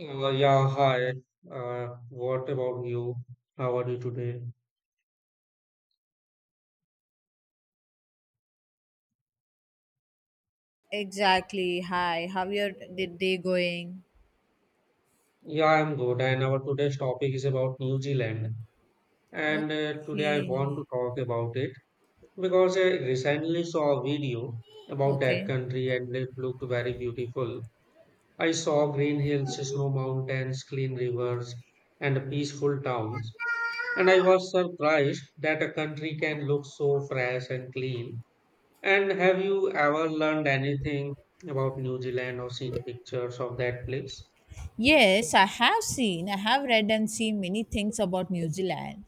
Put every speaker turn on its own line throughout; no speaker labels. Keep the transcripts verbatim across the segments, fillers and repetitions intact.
Uh, yeah, hi. Uh, what about you? How are you today?
Exactly. Hi. How your did day going?
Yeah, I'm good. And our today's topic is about New Zealand. And uh, Today I
Okay.
want to talk about it because I recently saw a video about that
Okay.
country and it looked very beautiful. I saw green hills, snow mountains, clean rivers, and peaceful towns. And I was surprised that a country can look so fresh and clean. And have you ever learned anything about New Zealand or seen pictures of that place?
Yes, I have seen, I have read and seen many things about New Zealand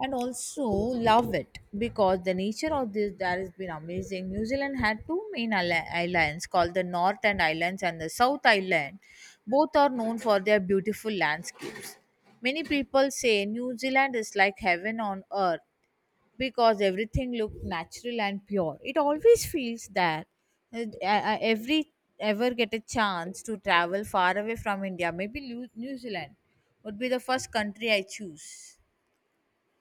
and also love it because the nature of this that has been amazing. New Zealand had two main isla- islands called the North and Islands and the South Island. Both are known for their beautiful landscapes. Many people say New Zealand is like heaven on earth because everything looked natural and pure. It always feels that uh, I- I every ever get a chance to travel far away from India, maybe Lu- New Zealand would be the first country I choose.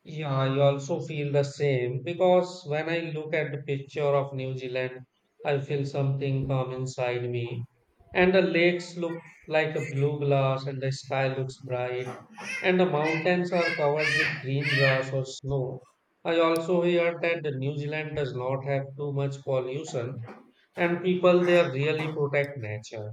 Yeah, I also feel the same because when I look at the picture of New Zealand, I feel something come inside me. And the lakes look like a blue glass, and the sky looks bright, and the mountains are covered with green grass or snow. I also hear that the New Zealand does not have too much pollution, and people there really protect nature.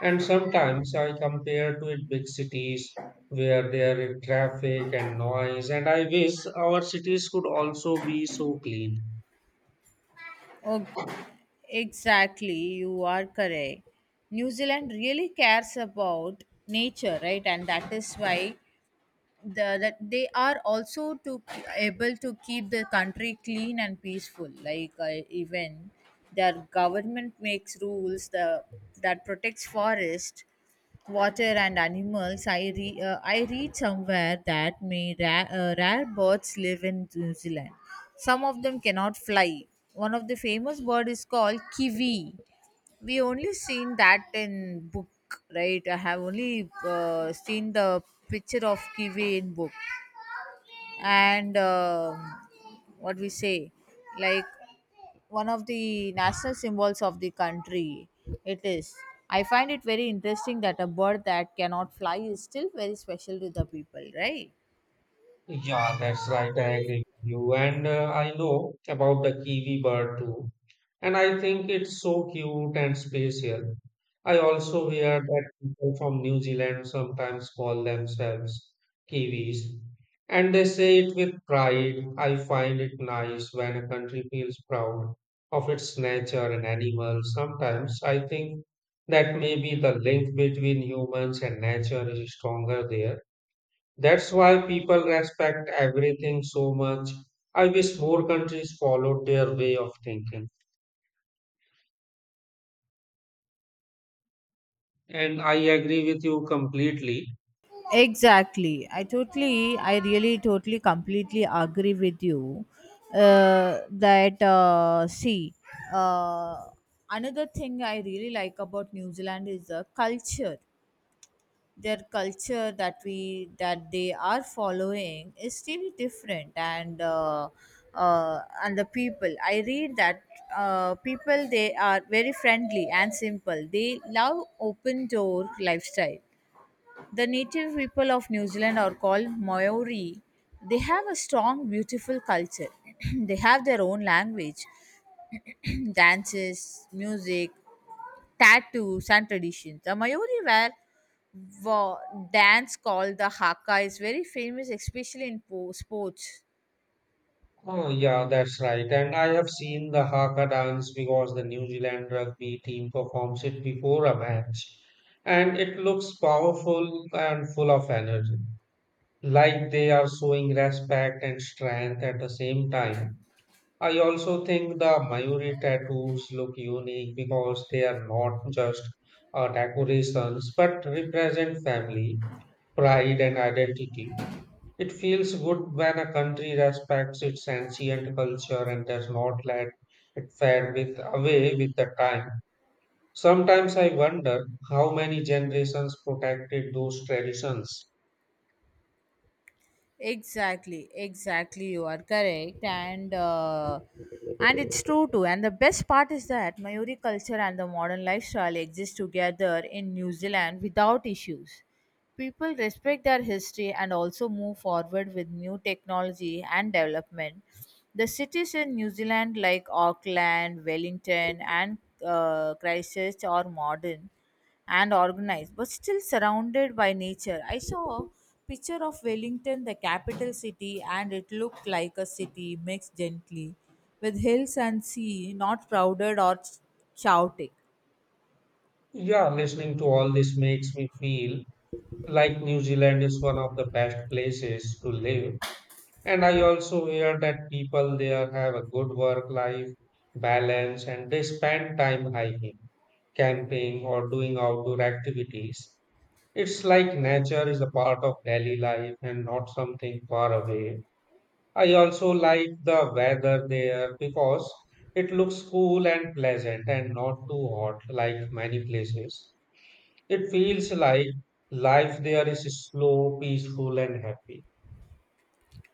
And sometimes I compare to it big cities where there is traffic and noise, and I wish our cities could also be so clean.
Oh, exactly, you are correct. New Zealand really cares about nature, right? And that is why the, that they are also to able to keep the country clean and peaceful like uh, even their government makes rules the, that protects forest water and animals. i re, uh, I read somewhere that may ra- uh, rare birds live in New Zealand. Some of them cannot fly. One of the famous bird is called kiwi. We only seen that in book, right. I have only uh, seen the picture of kiwi in book. And um what we say like one of the national symbols of the country, it is, I find it very interesting that a bird that cannot fly is still very special to the people, right.
Yeah, that's right. I agree with you. And uh, I know about the kiwi bird too. And I think it's so cute and spatial. I also hear that people from New Zealand sometimes call themselves Kiwis, and they say it with pride. I find it nice when a country feels proud of its nature and animals. Sometimes I think that maybe the link between humans and nature is stronger there. That's why people respect everything so much. I wish more countries followed their way of thinking. And I agree with you completely.
Exactly. I totally, I really totally completely agree with you. Uh, that, uh, see, uh, another thing I really like about New Zealand is the culture. Their culture that we that they are following is really different, and uh, uh, and the people. I read that uh, people they are very friendly and simple. They love open door lifestyle. The native people of New Zealand are called Maori. They have a strong, beautiful culture. They have their own language, dances, music, tattoos, and traditions. The Maori wear wa- dance called the haka is very famous, especially in po- sports.
Oh, yeah, that's right. And I have seen the Haka dance because the New Zealand rugby team performs it before a match. And it looks powerful and full of energy, like they are showing respect and strength at the same time. I also think the Mayuri tattoos look unique because they are not just uh, decorations but represent family, pride, and identity. It feels good when a country respects its ancient culture and does not let it fade with away with the time. Sometimes I wonder how many generations protected those traditions.
exactly exactly you are correct. And uh, and it's true too. And the best part is that Maori culture and the modern lifestyle exist together in New Zealand without issues. People respect their history and also move forward with new technology and development. The cities in New Zealand, like Auckland, Wellington, and uh, Christchurch, are modern and organized, but still surrounded by nature. I saw a picture of Wellington, the capital city, and it looked like a city mixed gently with hills and sea, not crowded or shouting.
Yeah, listening to all this makes me feel like New Zealand is one of the best places to live. And I also hear that people there have a good work life balance and they spend time hiking, camping, or doing outdoor activities. It's like nature is a part of daily life and not something far away. I also like the weather there because it looks cool and pleasant and not too hot like many places. It feels like life there is slow, peaceful, and happy.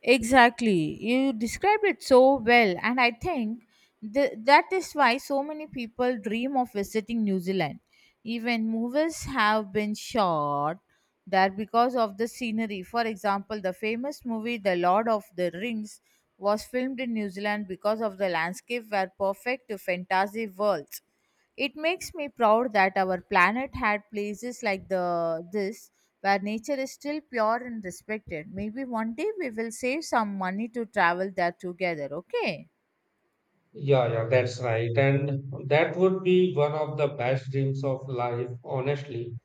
Exactly. You described it so well. And I think th- that is why so many people dream of visiting New Zealand. Even movies have been shot there because of the scenery. For example, the famous movie The Lord of the Rings was filmed in New Zealand because of the landscape were perfect to fantasy worlds. It makes me proud that our planet had places like the this where nature is still pure and respected. Maybe one day we will save some money to travel there together, okay?
Yeah, yeah, that's right. And that would be one of the best dreams of life, honestly.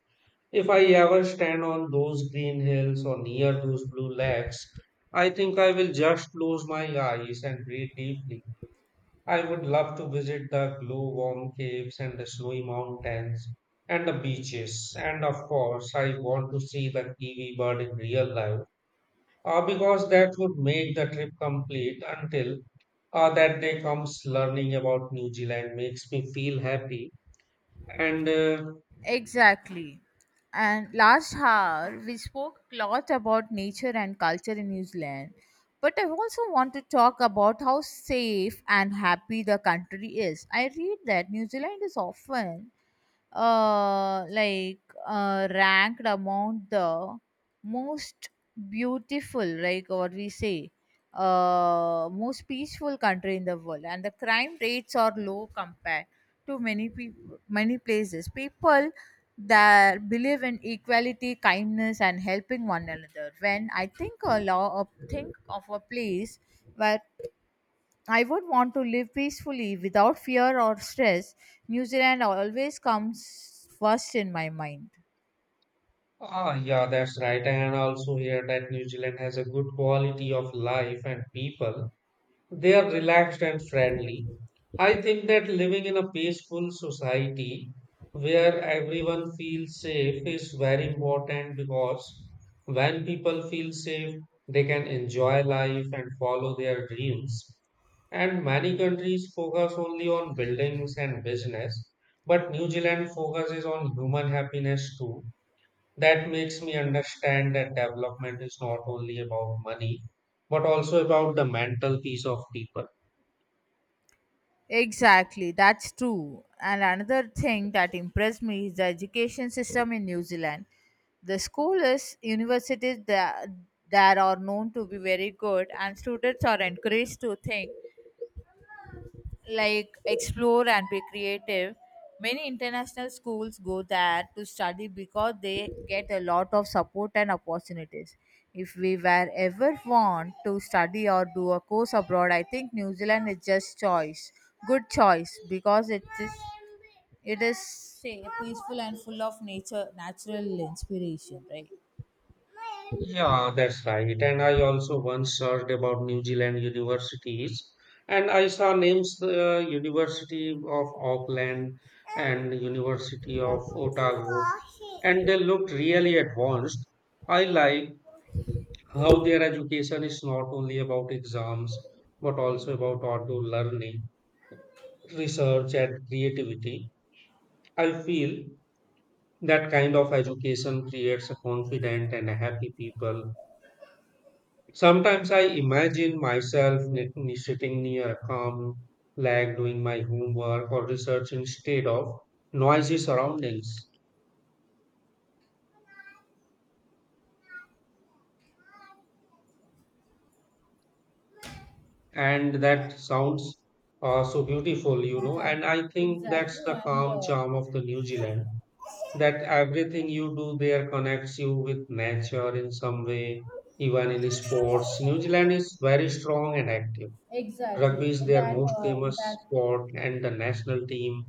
If I ever stand on those green hills or near those blue lakes, I think I will just close my eyes and breathe deeply. I would love to visit the glow warm caves and the snowy mountains and the beaches. And of course, I want to see the kiwi bird in real life uh, because that would make the trip complete until uh, that day comes learning about New Zealand makes me feel happy. And uh,
Exactly. And last hour, we spoke a lot about nature and culture in New Zealand. But I also want to talk about how safe and happy the country is. I read that New Zealand is often uh, like uh, ranked among the most beautiful, like what we say, uh, most peaceful country in the world, and the crime rates are low compared to many people, many places. People that believe in equality, kindness, and helping one another. When I think a law, a think of a place where I would want to live peacefully without fear or stress. New Zealand always comes first in my mind.
Ah, yeah, that's right. And I also here that New Zealand has a good quality of life and people. They are relaxed and friendly. I think that living in a peaceful society where everyone feels safe is very important because when people feel safe, they can enjoy life and follow their dreams. And many countries focus only on buildings and business, but New Zealand focuses on human happiness too. That makes me understand that development is not only about money but also about the mental peace of people.
Exactly, that's true. And another thing that impressed me is the education system in New Zealand. The schools, universities that, that are known to be very good, and students are encouraged to think, like explore and be creative. Many international schools go there to study because they get a lot of support and opportunities. If we were ever want to study or do a course abroad, I think New Zealand is just choice, good choice because it is it is say, peaceful and full of nature, natural inspiration, right?
Yeah, that's right. And I also once searched about New Zealand universities, and I saw names the university of Auckland and university of Otago, and they looked really advanced. I like how their education is not only about exams but also about outdoor learning, research and creativity. I feel that kind of education creates a confident and a happy people. Sometimes I imagine myself ni- ni- sitting near a calm lake doing my homework or research instead of noisy surroundings. And that sounds uh, so beautiful, you know. And
Exactly,
I think that's
exactly,
the
and
calm
uh,
charm of the New Zealand, that everything you do there connects you with nature in some way, even in sports. New Zealand is very strong and active. Rugby
exactly
is their
that
most
uh,
famous
that
sport and the national team,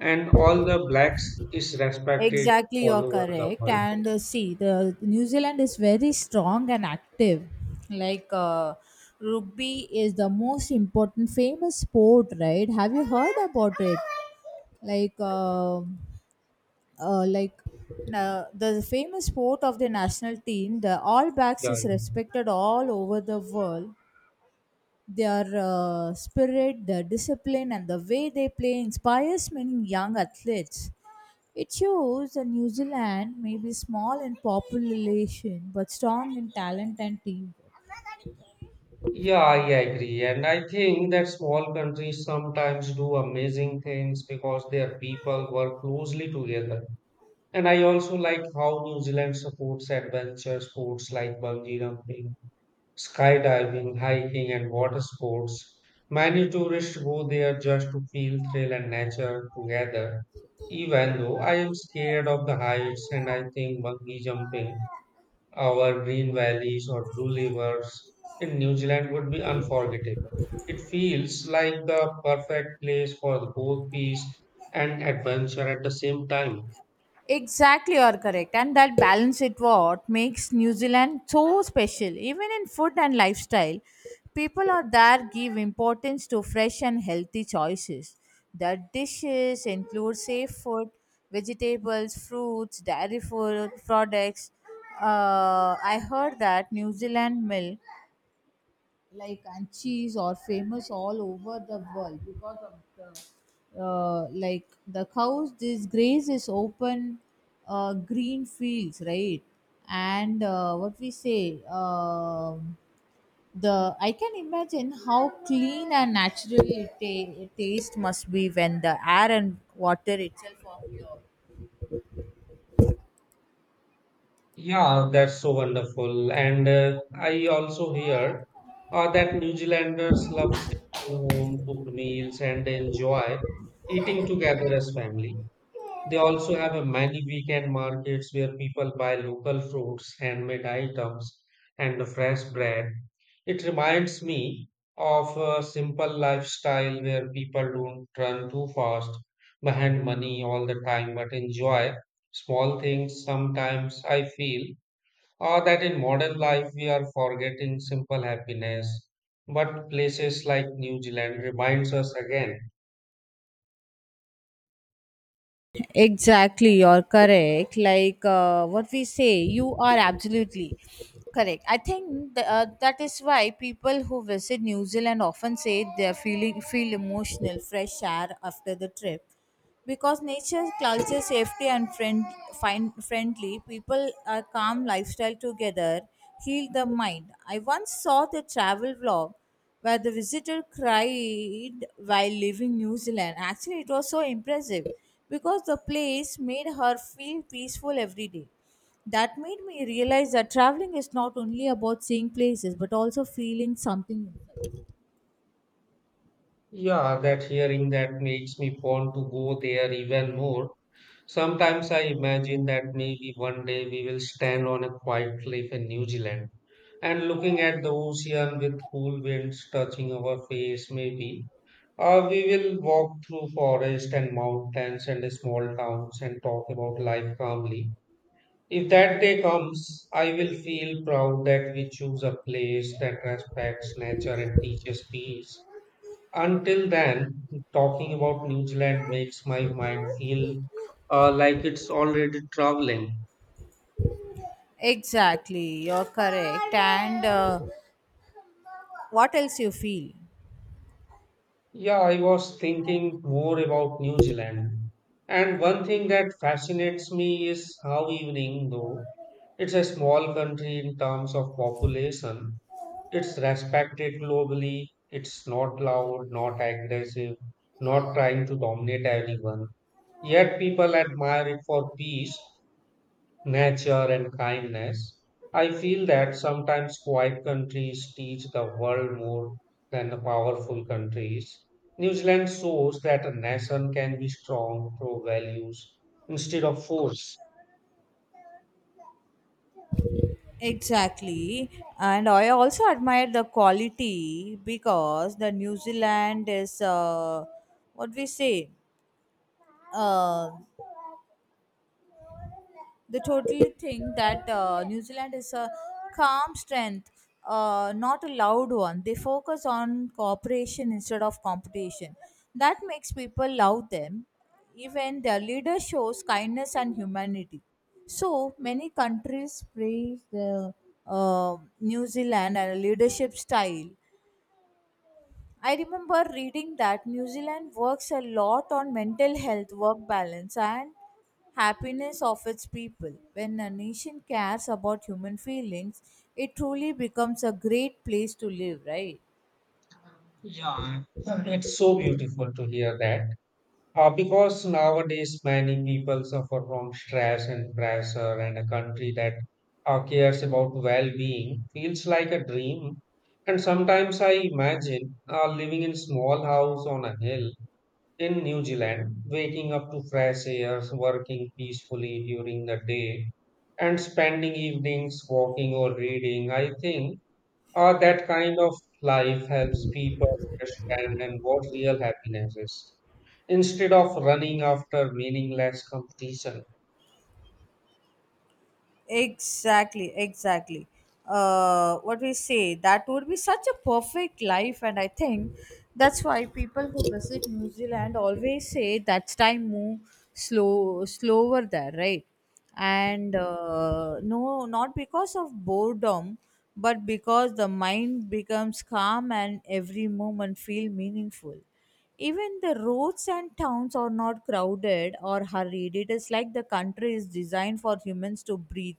and all the blacks is respected
Exactly,
all
you're
over the
correct.
world.
And uh, see, the New Zealand is very strong and active. Like uh, rugby is the most important famous sport, right? Have you heard about it? Like, uh, uh, like uh, the famous sport of the national team, the All Blacks,
Yeah,
is
yeah.
respected all over the world. Their uh, spirit, their discipline, and the way they play inspires many young athletes. It shows that New Zealand may be small in population but strong in talent and team.
Yeah, I agree. And I think that small countries sometimes do amazing things because their people work closely together. And I also like how New Zealand supports adventure sports like bungee jumping, skydiving, hiking, and water sports. Many tourists go there just to feel thrill and nature together. Even though I am scared of the heights and I think bungee jumping over green valleys or blue rivers in New Zealand would be unforgettable. It feels like the perfect place for both peace and adventure at the same time.
Exactly, you are correct. And that balance it what makes New Zealand so special. Even in food and lifestyle, people are there give importance to fresh and healthy choices. The dishes include safe food, vegetables, fruits, dairy food products. Uh, I heard that New Zealand milk, like, and cheese are famous all over the world because of the uh, like the cows this graze is open uh, green fields, right. And uh, what we say um the I can imagine how clean and natural it, ta- it taste must be when the air and water itself are pure.
Yeah, that's so wonderful. And uh, I also hear uh, that New Zealanders love simple home cooked meals and they enjoy eating together as family. They also have a many weekend markets where people buy local fruits, handmade items, and fresh bread. It reminds me of a simple lifestyle where people don't run too fast behind money all the time but enjoy small things. Sometimes I feel or that in modern life we are forgetting simple happiness, but places like New Zealand reminds us again.
Exactly, you're correct. Like uh, what we say, you are absolutely correct. I think th- uh, that is why people who visit New Zealand often say they're feeling feel emotional, fresh air after the trip. Because nature, culture, safety, and friend find friendly people, are calm lifestyle together heal the mind. I once saw the travel vlog where the visitor cried while leaving New Zealand. Actually, it was so impressive because the place made her feel peaceful every day. That made me realize that traveling is not only about seeing places but also feeling something.
Yeah, that hearing that makes me want to go there even more. Sometimes I imagine that maybe one day we will stand on a quiet cliff in New Zealand and looking at the ocean with cool winds touching our face, maybe. Or we will walk through forest and mountains and small towns and talk about life calmly. If that day comes, I will feel proud that we choose a place that respects nature and teaches peace. Until then, talking about New Zealand makes my mind feel uh, like it's already traveling.
Exactly, you're correct. And uh, what else you feel?
Yeah, I was thinking more about New Zealand. And one thing that fascinates me is how evening, though it's a small country in terms of population, it's respected globally. It's not loud, not aggressive, not trying to dominate anyone. Yet people admire it for peace, nature, and kindness. I feel that sometimes quiet countries teach the world more than the powerful countries. New Zealand shows that a nation can be strong through values instead of force.
Exactly. And I also admire the quality because the New Zealand is uh, what we say. Uh, they totally think that uh, New Zealand is a calm strength, uh, not a loud one. They focus on cooperation instead of competition. That makes people love them. Even their leader shows kindness and humanity. So many countries praise the uh, New Zealand and leadership style. I remember reading that New Zealand works a lot on mental health, work balance, and happiness of its people. When a nation cares about human feelings, it truly becomes a great place to live, right?
Yeah, it's so beautiful to hear that. Uh, because nowadays many people suffer from stress and pressure, and a country that uh, cares about well-being feels like a dream. And sometimes I imagine uh, living in small house on a hill in New Zealand, waking up to fresh air, working peacefully during the day, and spending evenings walking or reading. I think uh, that kind of life helps people understand what real happiness is instead of running after meaningless competition.
Exactly, exactly. Uh, what we say, That would be such a perfect life, and I think that's why people who visit New Zealand always say that's time move slow, slower there, right? And uh, no, not because of boredom, but because the mind becomes calm and every moment feel meaningful. Even the roads and towns are not crowded or hurried. It is like the country is designed for humans to breathe,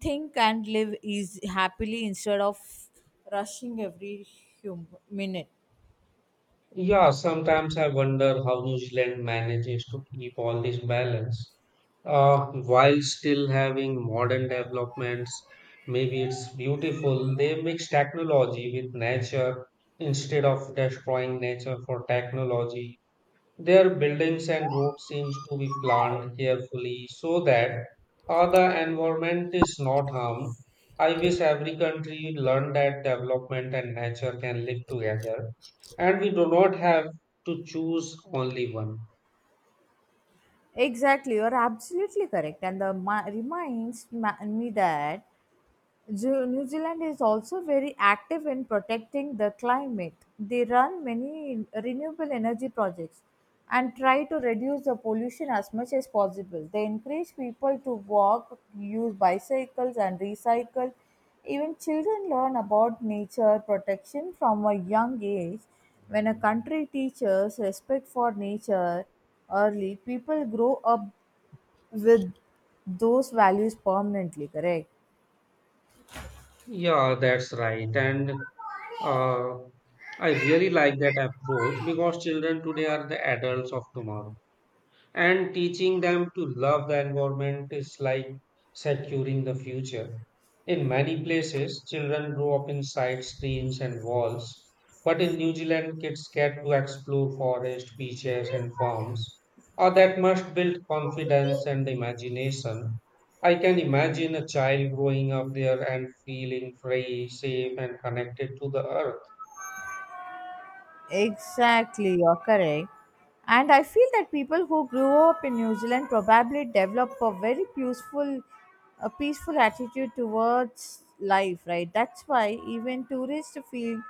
think, and live easy, happily instead of rushing every hum- minute.
Yeah, sometimes I wonder how New Zealand manages to keep all this balance uh, while still having modern developments. Maybe it's beautiful. They mix technology with nature instead of destroying nature for technology. Their buildings and roads seems to be planned carefully so that uh, the environment is not harmed. I wish every country learned that development and nature can live together, and we do not have to choose only one.
Exactly, you're absolutely correct. And the ma- reminds ma- me that Ju- New Zealand is also very active in protecting the climate. They run many renewable energy projects and try to reduce the pollution as much as possible. They encourage people to walk, use bicycles, and recycle. Even children learn about nature protection from a young age. When a country teaches respect for nature early, people grow up with those values permanently, correct?
Yeah, that's right. And uh, I really like that approach because children today are the adults of tomorrow. And teaching them to love the environment is like securing the future. In many places, children grow up inside screens and walls, but in New Zealand, kids get to explore forests, beaches, and farms. Or that must build confidence and imagination. I can imagine a child growing up there and feeling free, safe, and connected to the earth.
Exactly, you're correct. And I feel that people who grew up in New Zealand probably develop a very peaceful, a peaceful attitude towards life, right? That's why even tourists feel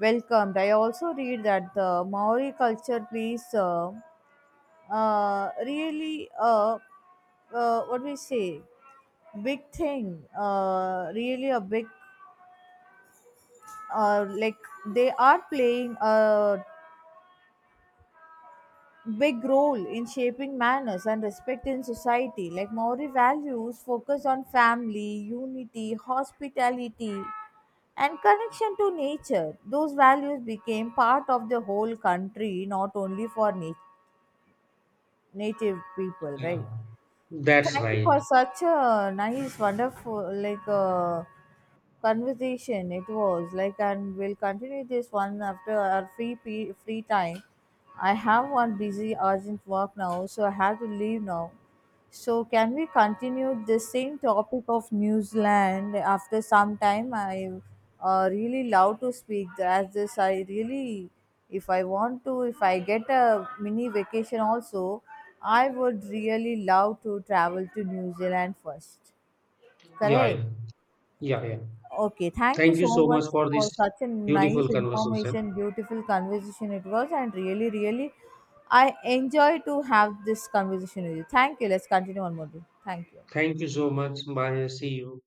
welcomed. I also read that the Maori culture plays uh, uh, really uh, uh, what we say big thing uh really a big uh like they are playing a big role in shaping manners and respect in society. Like Maori values focus on family, unity, hospitality, and connection to nature. Those values became part of the whole country, not only for na- native people, right?
Yeah. That's
Thank you
right.
for such a nice, wonderful, like uh, conversation. It was, like, and we'll continue this one after our free pe- free time. I have one busy, urgent work now, so I have to leave now. So can we continue the same topic of New Zealand after some time? I uh, really love to speak as this. I really, if i want to if I get a mini vacation also, I would really love to travel to New Zealand first,
Yeah,
correct.
yeah, yeah. yeah.
Okay, thank you
Thank you
so
so much
much
for
for
this
such a
beautiful
nice
conversation.
information, beautiful conversation it was, and really really I enjoy to have this conversation with you. Thank you. Let's continue on more day. Thank you.
Thank you so much. Bye. See you.